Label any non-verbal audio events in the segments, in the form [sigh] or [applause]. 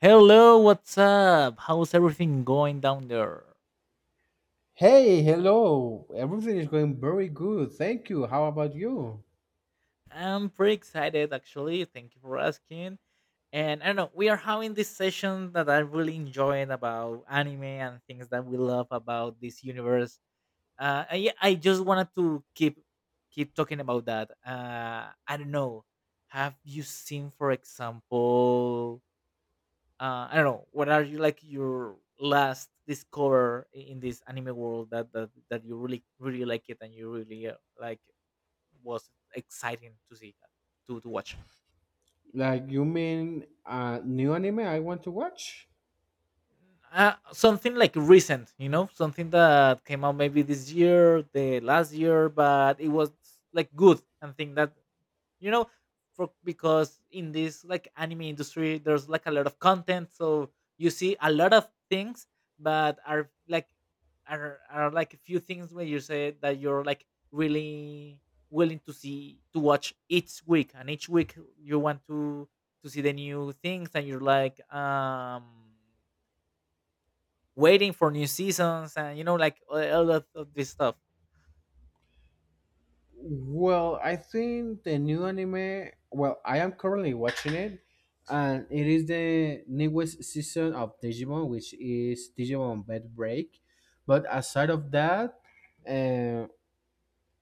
Hello, what's up? How's everything going down there? Hey, hello. Everything is going very good. Thank you. How about you? I'm pretty excited actually. Thank you for asking. And I don't know, we are having this session that I'm really enjoying about anime and things that we love about this universe. I just wanted to keep talking about that. I don't know. Have you seen, for example, I don't know. What are you like your last in this anime world that you really like it and you really like was exciting to see to watch? Like, you mean new anime I want to watch? Something like recent, you know, something that came out maybe this year, the last year, but it was like good and think that you know for because in this like anime industry there's like a lot of content, so you see a lot of things but are like are like a few things where you say that you're like really willing to see to watch each week, and each week you want to see the new things, and you're like waiting for new seasons, and you know like all of this stuff. Well, I think the new anime, well, I am currently watching it, and it is the newest season of Digimon, which is Digimon Bed Break. But aside of that, uh,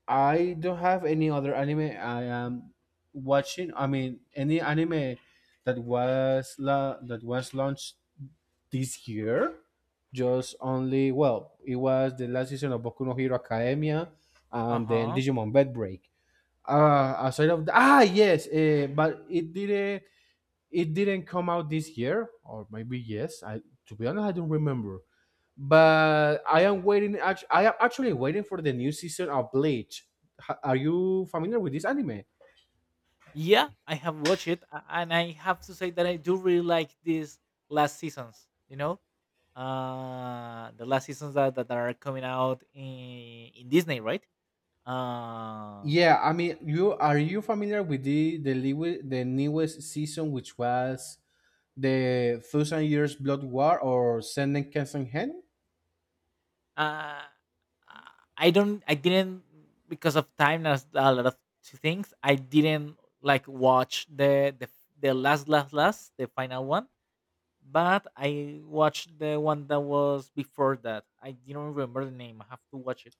I don't have any other anime I am watching. I mean, any anime that was launched this year. Just only, well, it was the last season of Boku no Hero Academia and then Uh-huh. Digimon Bed Break. Aside of that, yes, but it didn't come out this year, or maybe yes. I to be honest, I don't remember. But I am waiting. I am actually waiting for the new season of Bleach. Are you familiar with this anime? Yeah, I have watched it, and I have to say that I do really like these last seasons. You know, the last seasons that are coming out in Disney, right? Uh, Yeah, I mean, you familiar with the newest season, which was the Thousand Years Blood War or Senden Kessenhen. uh, I don't, I didn't because of time. There's a lot of things I didn't like watch the last the final one, but I watched the one that was before that. I didn't remember the name. I have to watch it,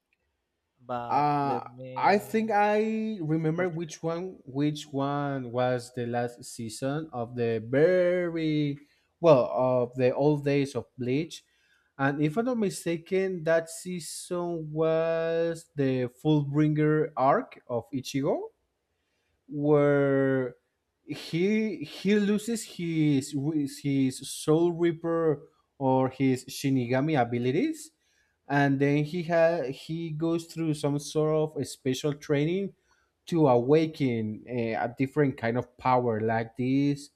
but Uh, let I think me I remember search. Which one was the last season of the very well of the old days of Bleach. And if I'm not mistaken, that season was the Fullbringer arc of Ichigo, where he loses his soul reaper or his shinigami abilities. And then he goes through some sort of a special training to awaken a different kind of power, like this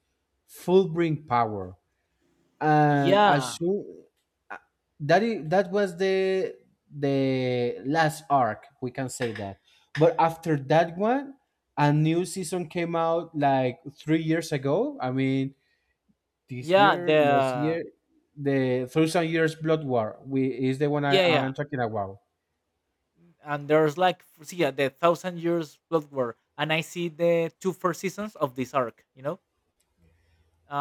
full bring power. And as Yeah, soon, that is, that was the last arc, we can say that. But after that one, a new season came out like 3 years ago. I mean, this yeah, year, last the year, the Thousand Years Blood War, we is the one I, yeah, I'm talking about. and there's like see, yeah, the Thousand Years Blood War, and I see the two first seasons of this arc. You know,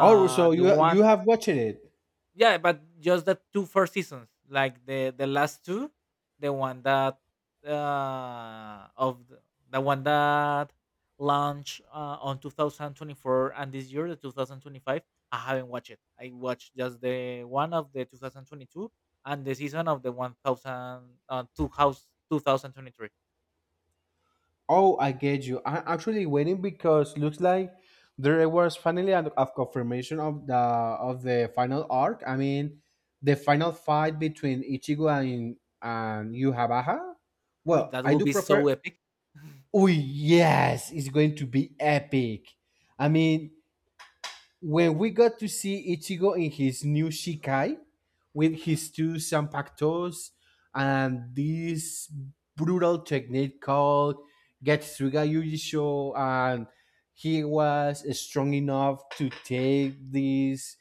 Oh, so the you one. you have watched it. Yeah, but just the two first seasons, like the last two, the one that of the one that launched on 2024, and this year the 2025 I haven't watched it. I watched just the one of the 2022 and the season of the 1000, 2000, 2023. Oh, I get you. I'm actually waiting because looks like there was finally a confirmation of the final arc. I mean, the final fight between Ichigo and Yuhabaha. Uy, Well, that I will do be prefer. so epic. Oh yes, it's going to be epic. I mean, when we got to see Ichigo in his new Shikai with his two Sanpakutos and this brutal technique called Getsuga Yujisho, and he was strong enough to take these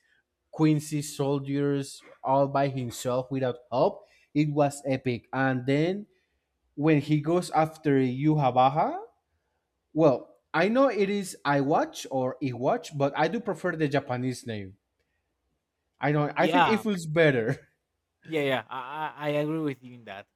Quincy soldiers all by himself without help, it was epic. And then when he goes after Yuhabaha, well, I know it is Iwatch or Iwatch, but I do prefer the Japanese name. I know. [laughs] I think it Yeah. feels better. [laughs] I agree with you in that.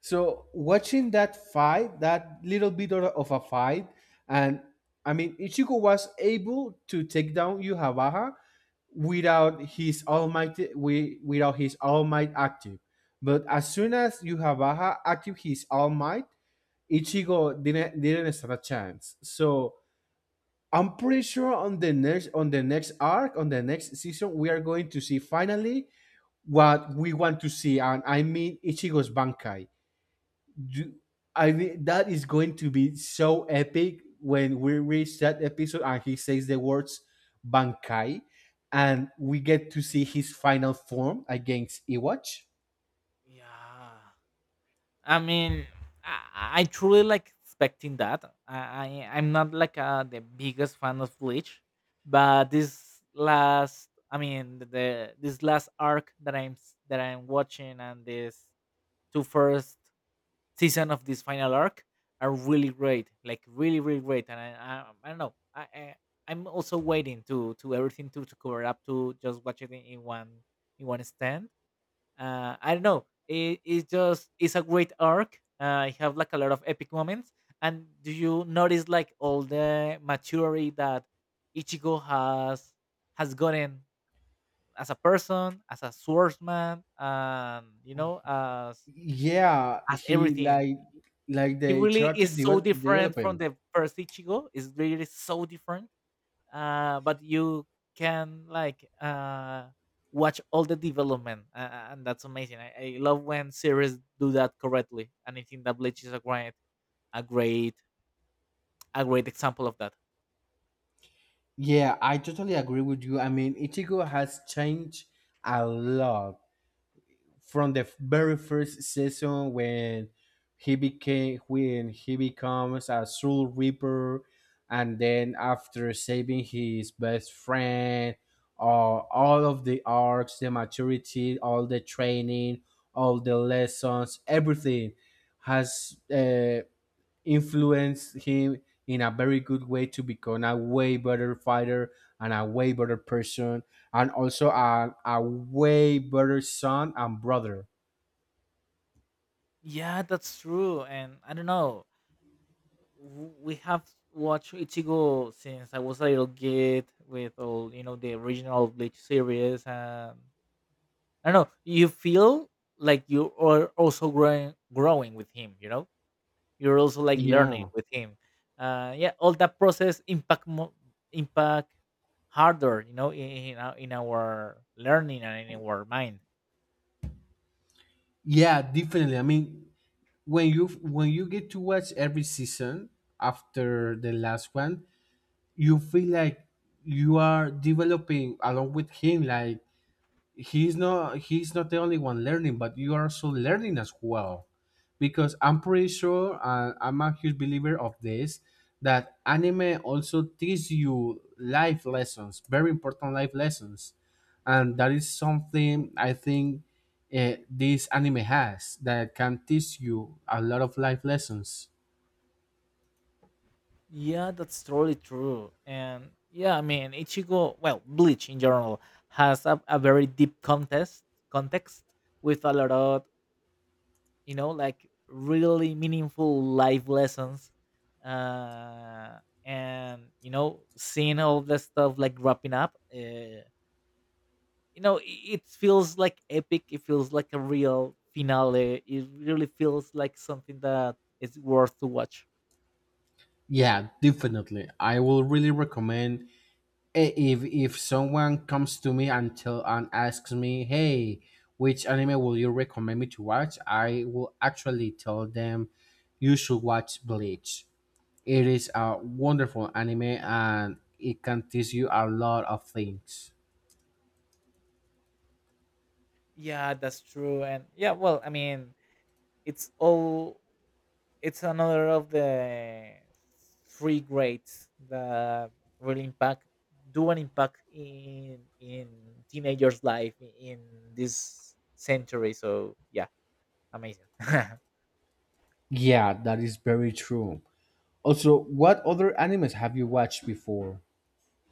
So watching that fight, that little bit of a fight, and I mean Ichigo was able to take down Yuhabaha without his almighty without his all might active. But as soon as Yuhabaha active his all might, Ichigo didn't stand a chance. So I'm pretty sure on the next on the next season, we are going to see finally what we want to see, and I mean Ichigo's Bankai. Do, I mean that is going to be so epic when we reach that episode and he says the words Bankai, and we get to see his final form against Iwatch. Yeah, I mean, I truly like expecting that. I'm not like the biggest fan of Bleach, but this last, I mean, the this last arc that I'm watching, and this two first season of this final arc are really great, like really great. And I don't know, I'm also waiting to everything to cover up to just watch it in one stand. I don't know. It's just it's a great arc. I have like a lot of epic moments. And do you notice like all the maturity that Ichigo has gotten as a person, as a swordsman, and you know, Yeah, as he everything. like He the really character is so different from development. the first Ichigo. It's really so different. But you can like watch all the development, and that's amazing. I love when series do that correctly, and I think that Bleach is a great, a great example of that. Yeah, I totally agree with you. I mean, Ichigo has changed a lot from the very first season, when he became when he becomes a soul reaper and then after saving his best friend, all of the arcs, the maturity, all the training, all the lessons, everything has influence him in a very good way to become a way better fighter and a way better person and also a way better son and brother. Yeah, that's true, and I don't know. We have watched Ichigo since I was a little kid with all you know the original Bleach series, and I don't know. You feel like you are also growing with him, you know. You're also like learning Yeah. with him. Yeah, all that process impact harder, you know, in our learning and in our mind. Yeah, definitely. I mean, when you get to watch every season after the last one, you feel like you are developing along with him. Like he's not the only one learning, but you are also learning as well. Because I'm pretty sure, I'm a huge believer of this, that anime also teaches you life lessons, very important life lessons. And that is something I think, this anime has, that can teach you a lot of life lessons. Yeah, that's totally true. And yeah, I mean, Ichigo, well, Bleach in general has a very deep contest context with a lot of, you know, like really meaningful life lessons. Uh, and you know, seeing all the stuff like wrapping up, you know it feels like epic, it feels like a real finale, it really feels like something that is worth to watch. Yeah, definitely, I will really recommend, if someone comes to me and tell and asks me, hey, which anime will you recommend me to watch, I will actually tell them, you should watch Bleach. It is a wonderful anime and it can teach you a lot of things. Yeah, that's true. And yeah, well, I mean, it's all it's another of the three greats that really impact do an impact in teenagers life in this century, so yeah, amazing. [laughs] Yeah, that is very true. Also, what other animes have you watched before?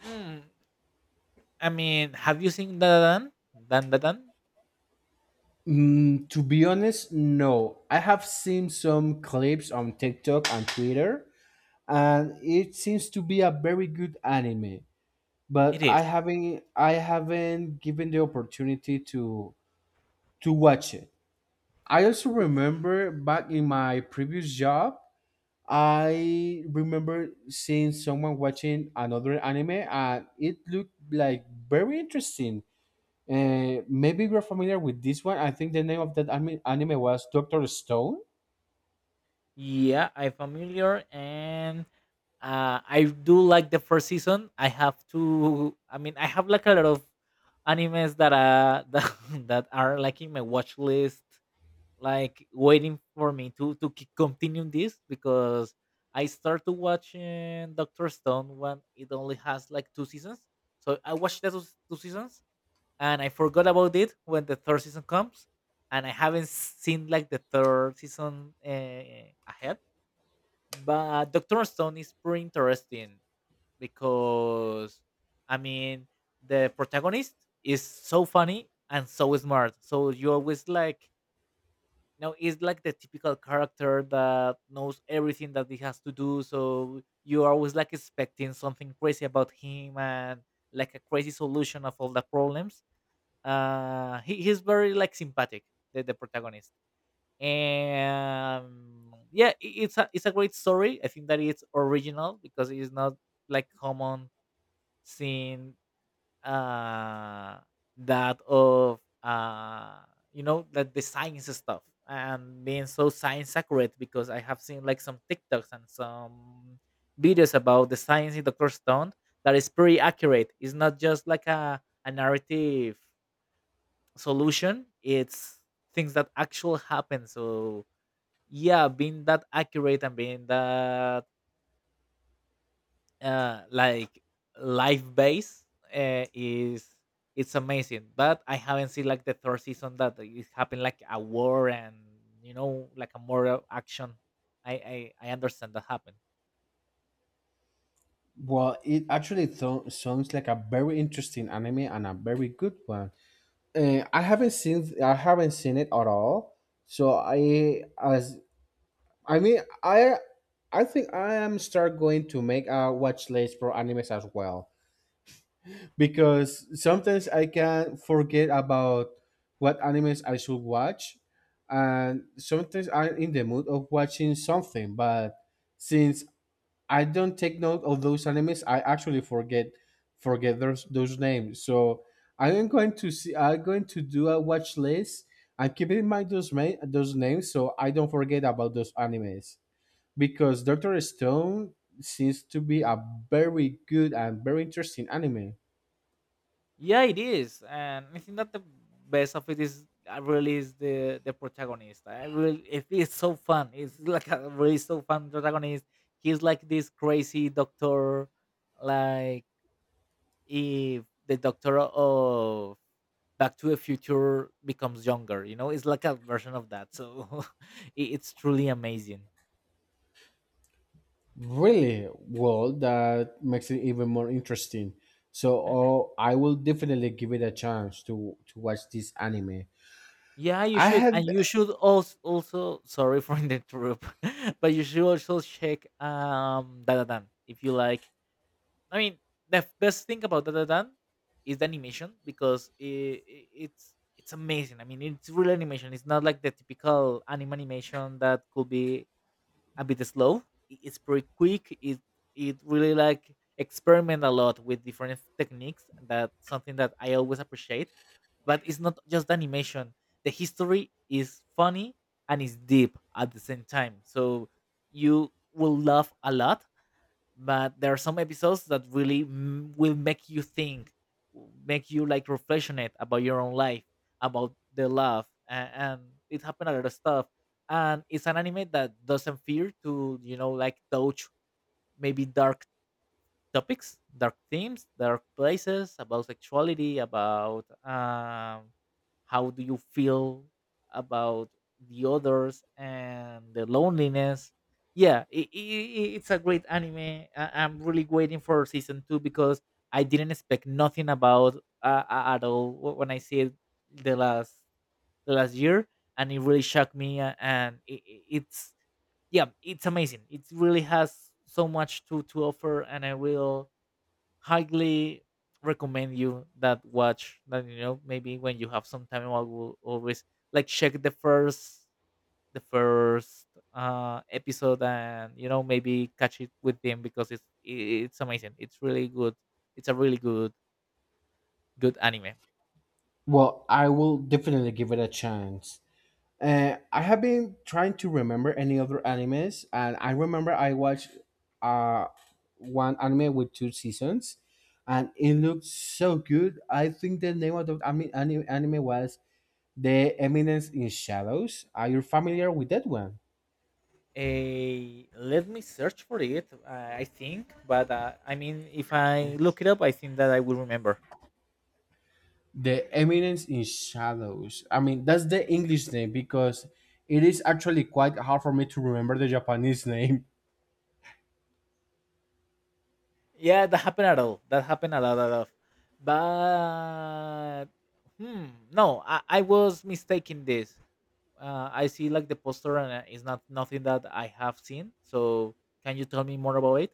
Mm, I mean, have you seen dan dan? To be honest, no. I have seen some clips on TikTok and Twitter, and it seems to be a very good anime, It but is. I haven't given the opportunity to watch it. I also remember back in my previous job, I remember seeing someone watching another anime and it looked like very interesting. Maybe you're familiar with this one. I think the name of that anime was Dr. Stone. Yeah, I'm familiar, and I do like the first season. I have to. I mean, I have like a lot of animes that [laughs] that are like in my watch list, like waiting for me to keep continue this, because I started watching Doctor Stone when it only has like two seasons. So I watched those two seasons, and I forgot about it when the third season comes, and I haven't seen like the third season ahead. But Doctor Stone is pretty interesting, because I mean the protagonist is so funny and so smart. So you always like you know it's like the typical character that knows everything that he has to do. So you are always like expecting something crazy about him and like a crazy solution of all the problems. He's very like sympathetic, the protagonist. And yeah, it's a great story. I think that it's original because it's not like common seeing uh that of you know that the science stuff and being so science accurate, because I have seen like some TikToks and some videos about the science in Dr. Stone that is pretty accurate. It's not just like a narrative solution. It's things that actually happen. So yeah, being that accurate and being that like life based is it's amazing. But I haven't seen like the third season that it happened like a war and you know like a more action. i I understand that happened. Well, it actually sounds like a very interesting anime and a very good one. I haven't seen, I haven't seen it at all. So I, as I mean, I think I am start going to make a watch list for animes as well, because sometimes I can forget about what animes I should watch. And sometimes I'm in the mood of watching something, but since I don't take note of those animes, I actually forget those names. So I am going to see. I'm going to do a watch list and keep in mind those names, so I don't forget about those animes. Because Doctor Stone seems to be a very good and very interesting anime. Yeah, it is, and I think that the best of it is I really is the protagonist. I really it is so fun. It's like a really so fun protagonist. He's like this crazy doctor, like if the doctor of Back to the Future becomes younger. You know, it's like a version of that. So [laughs] it's truly amazing. Really, well, that makes it even more interesting. So, oh, I will definitely give it a chance to watch this anime. Yeah, you I should, and have. you should also also sorry for the troop, [laughs] but you should also check Dadadan if you like. I mean, the best thing about Dadadan is the animation, because it's amazing. I mean, it's real animation. It's not like the typical anime animation that could be a bit slow. It's pretty quick. It really like experiment a lot with different techniques. That's something that I always appreciate. But it's not just animation. The history is funny and it's deep at the same time. So you will laugh a lot, but there are some episodes that really will make you think, make you like reflectionate about your own life, about the love and it happened a lot of stuff. And it's an anime that doesn't fear to you know like touch maybe dark topics, dark themes, dark places about sexuality, about how do you feel about the others and the loneliness. Yeah, I it's a great anime. I'm really waiting for season two, because I didn't expect nothing about at all when I see it the last the last year, and it really shocked me. And it's yeah, it's amazing. It really has so much to offer, and I will highly recommend you that watch that you know maybe when you have some time. I will always like check the first episode, and you know maybe catch it with them, because it's amazing, it's really good. It's a really good anime. Well, I will definitely give it a chance. I have been trying to remember any other animes, and I remember I watched uh, one anime with two seasons, and it looked so good. I think the name of the anime was The Eminence in Shadows. Are you familiar with that one? A let me search for it. I think but I mean if I look it up I think that I will remember. The Eminence in Shadows. I mean, that's the English name, because it is actually quite hard for me to remember the Japanese [laughs] name. Yeah, that happened at all. That happened a lot. But hmm, no, I was mistaken this. I see like the poster and it's not nothing that I have seen. So can you tell me more about it?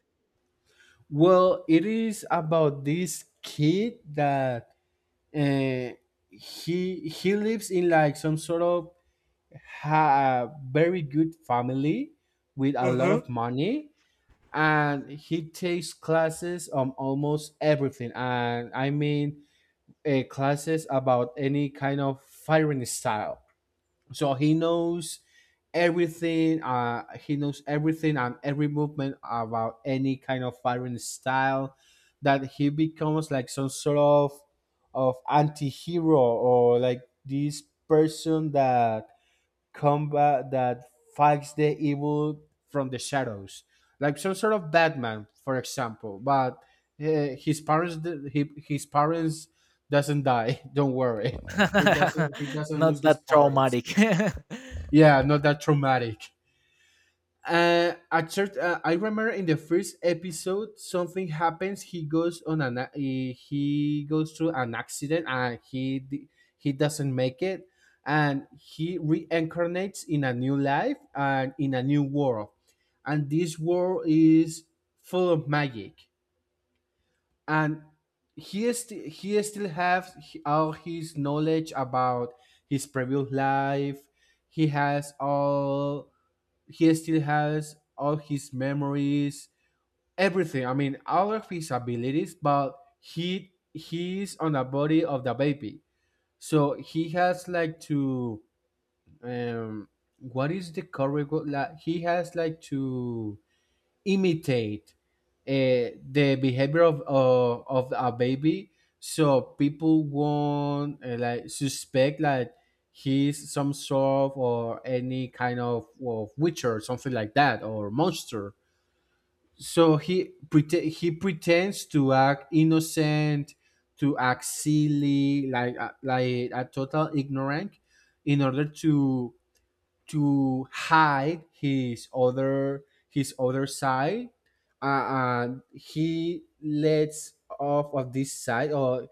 Well, it is about this kid that, uh, he lives in like some sort of very good family with a Uh lot huh. of money, and he takes classes on almost everything. And I mean, classes about any kind of firing style, so he knows everything. He knows everything and every movement about any kind of fighting style. That he becomes like some sort of anti-hero, or like this person that combat that fights the evil from the shadows, like some sort of Batman, for example. But his parents doesn't die. [laughs] Don't worry, he [laughs] doesn't Not lose his that parents. traumatic. Yeah, [laughs] not that traumatic. I remember in the first episode, something happens. He goes through an accident, and he doesn't make it, and he reincarnates in a new life and in a new world. And this world is full of magic, and he still has all his knowledge about his previous life. He has all he still has all his memories, everything. I mean, all of his abilities, but he he's on the body of the baby, so he has like to, um, what is the correct? Like he has like to imitate the behavior of a baby, so people won't like suspect like he's some sort of or any kind of witcher or something like that, or monster. So he pretend, he pretends to act innocent, to act silly, like a total ignorant, in order to hide his other side. And he lets off of this side, or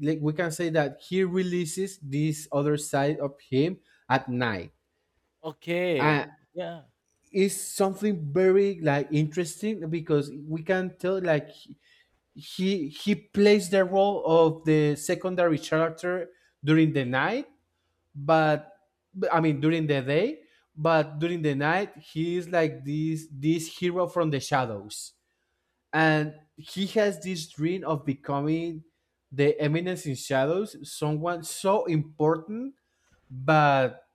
like we can say that he releases this other side of him at night. uh, Okay. Yeah. it's something very like interesting, because we can tell like he plays the role of the secondary character during the night. But I mean during the day, but during the night he is like this hero from the shadows. And he has this dream of becoming the Eminence in Shadows, someone so important, but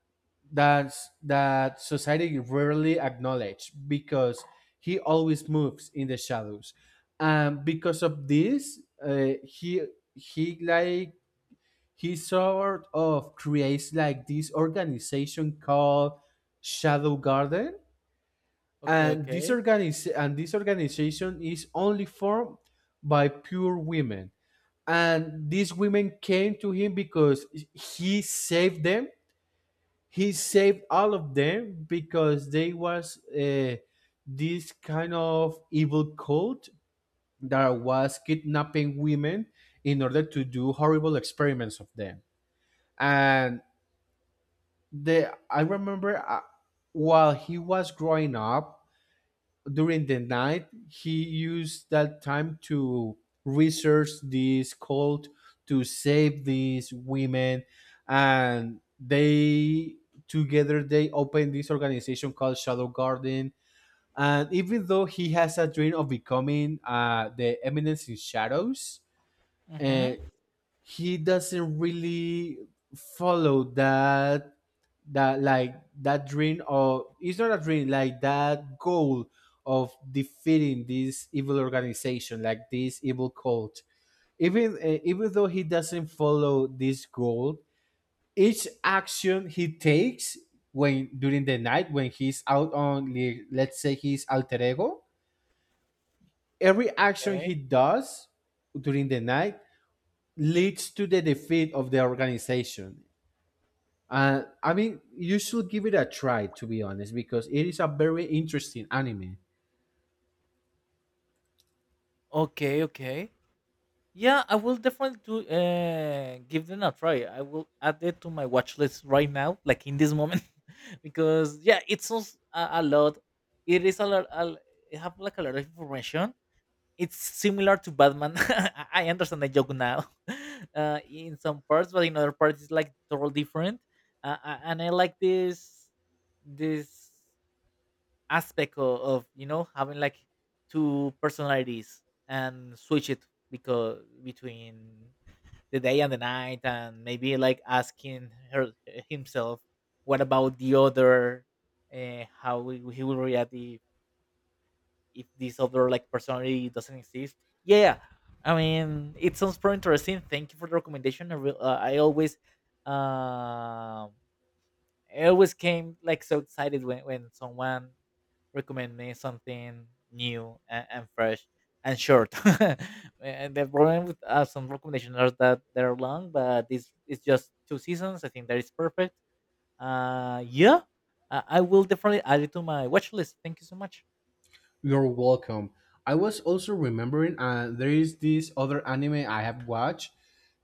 that's that society rarely acknowledge, because he always moves in the shadows. And because of this, he like, he sort of creates like this organization called Shadow Garden. Okay. And Okay. And this organization is only formed by pure women. And these women came to him because he saved them. He saved all of them because they was this kind of evil cult that was kidnapping women in order to do horrible experiments of them. And the I remember while he was growing up during the night, he used that time to research this cult to save these women, and they together they opened this organization called Shadow Garden. And even though he has a dream of becoming the Eminence in Shadows, uh, Mm-hmm. he doesn't really follow that that like that dream of it's not a dream like that goal of defeating this evil organization like this evil cult, even though he doesn't follow this goal, each action he takes when during the night, when he's out on let's say his alter ego, every action Okay. he does during the night leads to the defeat of the organization. I mean, you should give it a try, to be honest, because it is a very interesting anime. Okay. Okay. Yeah, I will definitely do give them a try. I will add it to my watch list right now, like in this moment, [laughs] because yeah, it's sounds a lot. It is a lot. A, it have like a lot of information. It's similar to Batman. [laughs] I understand the joke now, [laughs] in some parts, but in other parts, it's like totally different. And I like this aspect of having like two personalities and switch it, because between the day and the night. And maybe like asking her himself, what about the other? He will react if this other like personality doesn't exist. Yeah, I mean, it sounds pretty interesting. Thank you for the recommendation. Um I always came like so excited when someone recommend me something new and fresh and short. [laughs] and the problem with some recommendations are that they're long, but this is just two seasons. I think that is perfect. Yeah, I will definitely add it to my watch list. Thank you so much. You're welcome. I was also remembering there is this other anime I have watched.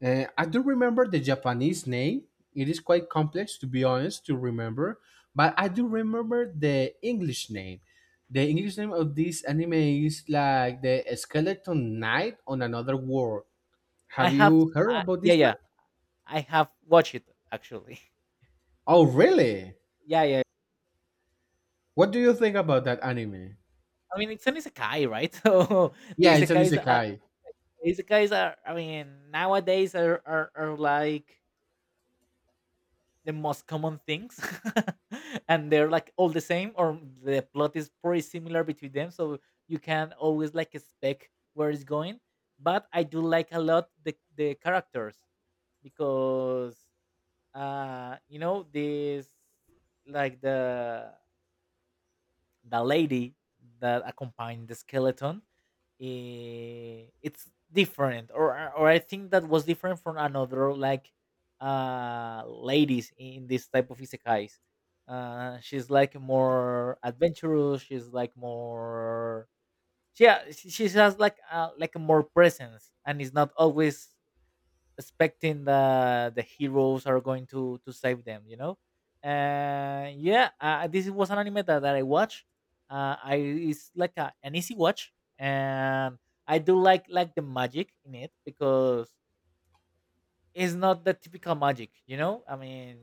I do remember the Japanese name. It is quite complex, to be honest, to remember. But I do remember the English name. The English name of this anime is like the Skeleton Knight on Another World. I Have have, you heard about yeah, this one? yeah, I have watched it actually. [laughs] Oh, really? Yeah, yeah. What do you think about that anime? I mean, it's an isekai, right? [laughs] So the Yeah, it's an isekais, uh, isekai. isekais are, I mean, nowadays are like the most common things, [laughs] and they're like all the same, or the plot is pretty similar between them, so you can always like expect where it's going. But I do like a lot the characters, because this like the lady that accompanied the skeleton, it's different. Or I think that was different from another like ladies in this type of isekais. She's like more adventurous, she's like more, yeah, she has like a more presence, and it's not always expecting that the heroes are going to save them, you know. And yeah, this was an anime that I watch. I It's like an easy watch, and I do like the magic in it, because it's not the typical magic, you know. I mean,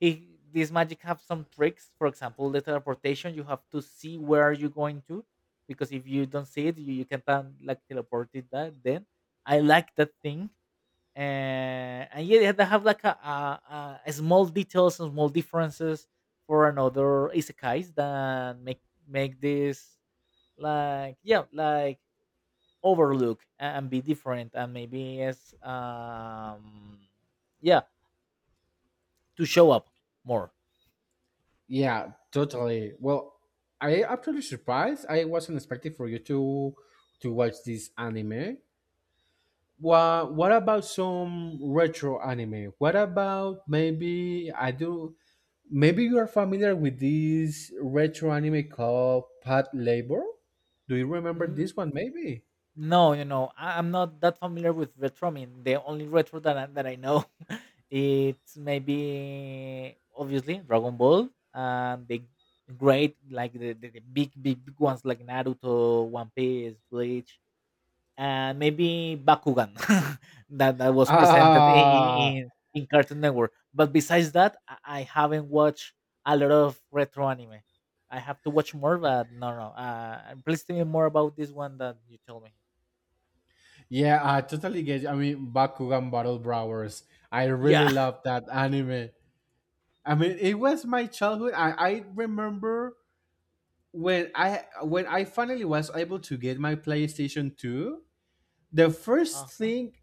he this magic have some tricks. For example, the teleportation, you have to see where are you going to, because if you don't see it, you can pan- like teleport it that then. I like that thing. And yeah, they have like a small details and small differences for another isekais, that make make this like, yeah, like overlook and be different. And maybe it's, yeah to show up more. Yeah, totally. Well, I actually surprised. I wasn't expecting for you to watch this anime. Well, what about some retro anime? What about maybe I do? Maybe you are familiar with this retro anime called Pat Labor. Do you remember this one? Maybe. No, you know, I'm not that familiar with retro. I mean, the only retro that I know, [laughs] it's maybe obviously Dragon Ball and the great, like the big ones, like Naruto, One Piece, Bleach, and maybe Bakugan, [laughs] that was presented in Ah, in, in Cartoon Network. But besides that, I haven't watched a lot of retro anime. I have to watch more, but no. Please tell me more about this one that you told me. yeah, I totally get. You. I mean, Bakugan Battle Browers. I really Yeah. love that anime. I mean, it was my childhood. I remember when I finally was able to get my PlayStation 2, the first Uh-huh. thing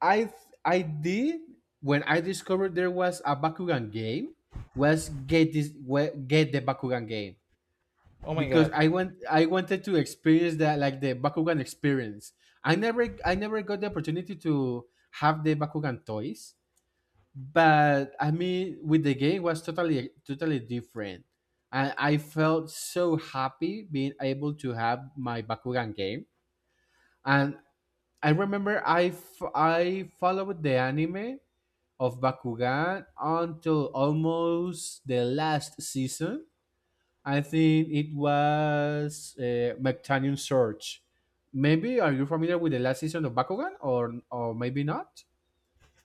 I I did when I discovered there was a Bakugan game was get the Bakugan game Oh my because god. I wanted to experience that like the Bakugan experience. I never got the opportunity to have the Bakugan toys. But I mean, with the game was totally different, and I felt so happy being able to have my Bakugan game. And I remember I followed the anime of Bakugan until almost the last season. I think it was Mectanium Surge. Maybe are you familiar with the last season of Bakugan, or maybe not?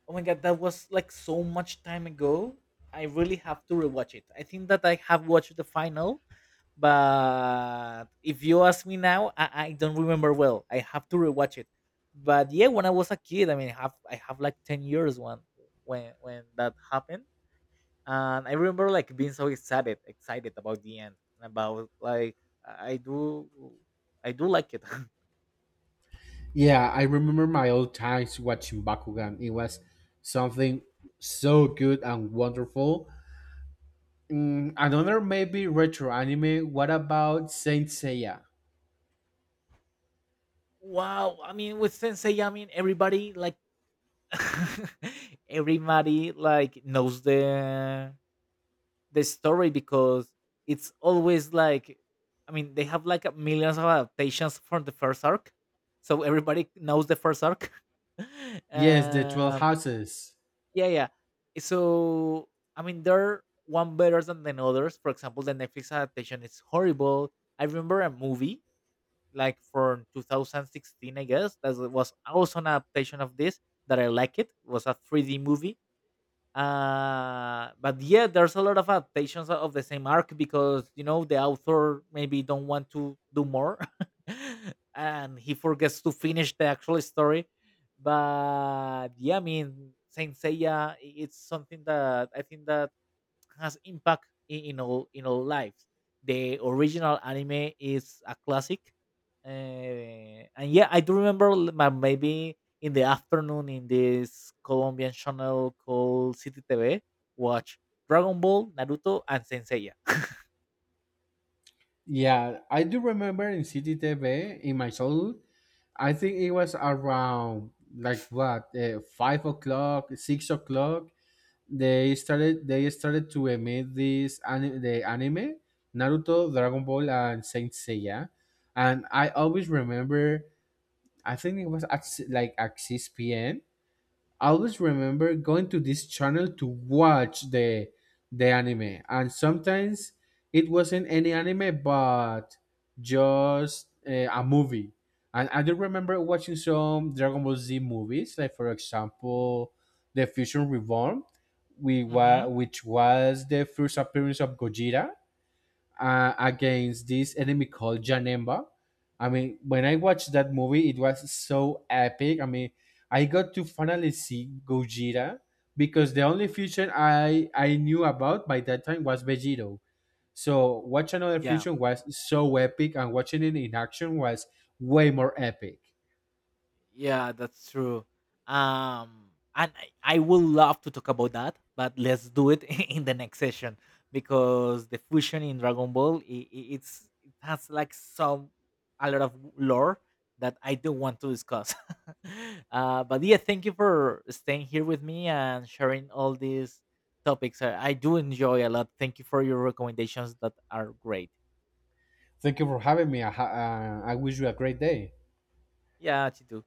Oh my god, that was like so much time ago. I really have to rewatch it. I think that I have watched the final, but if you ask me now, I don't remember well. I have to rewatch it. But yeah, when I was a kid, I mean, I have like 10 years when that happened. And I remember like being so excited about the end, and about like, I I do I do like it. [laughs] Yeah, I remember my old times watching Bakugan. It was something so good and wonderful. Mm, another maybe retro anime. What about Saint Seiya? wow, I mean, with Sensei, I mean, everybody like, [laughs] everybody like knows the story, because it's always like, I mean, they have like a millions of adaptations from the first arc, so everybody knows the first arc. [laughs] Yes, the 12 um, Houses. yeah, yeah. So I mean, they're one better than the others. For example, the Netflix adaptation is horrible. I remember a movie like from 2016, I guess, that was also an adaptation of this, that I like. It was a 3D movie. But yeah, there's a lot of adaptations of the same arc, because you know, the author maybe don't want to do more, [laughs] and he forgets to finish the actual story. But yeah, I mean, Saint Seiya, it's something that I think that has impact in all, in all lives. The original anime is a classic, and yeah, I do remember, maybe in the afternoon, in this Colombian channel called City TV, watch Dragon Ball, Naruto, and Senseiya. Yeah, I do remember in City TV in my childhood. I think it was around like what 5 o'clock, 6 o'clock. They started to the anime Naruto, Dragon Ball, and Saint Seiya, and I always remember, I think it was at like at 6 p.m. I always remember going to this channel to watch the anime, and sometimes it wasn't any anime, but just a movie. And I do remember watching some Dragon Ball Z movies, like for example, The Fusion Reborn, [laughs] hmm. Which was the first appearance of Gojira against this enemy called Janemba. I mean, when I watched that movie, it was so epic. I mean, I got to finally see Gojira because the only fusion I knew about by that time was Vegito. So watch another Yeah. fusion was so epic, and watching it in action was way more epic. Yeah, that's true. And I would love to talk about that, but let's do it [laughs] in the next session, because the fusion in Dragon Ball, I it's, it has like some, a lot of lore, that I don't want to discuss. [laughs] But yeah, thank you for staying here with me and sharing all these topics. I do enjoy a lot. Thank you for your recommendations that are great. Thank you for having me. I wish you a great day. Yeah, Chitu.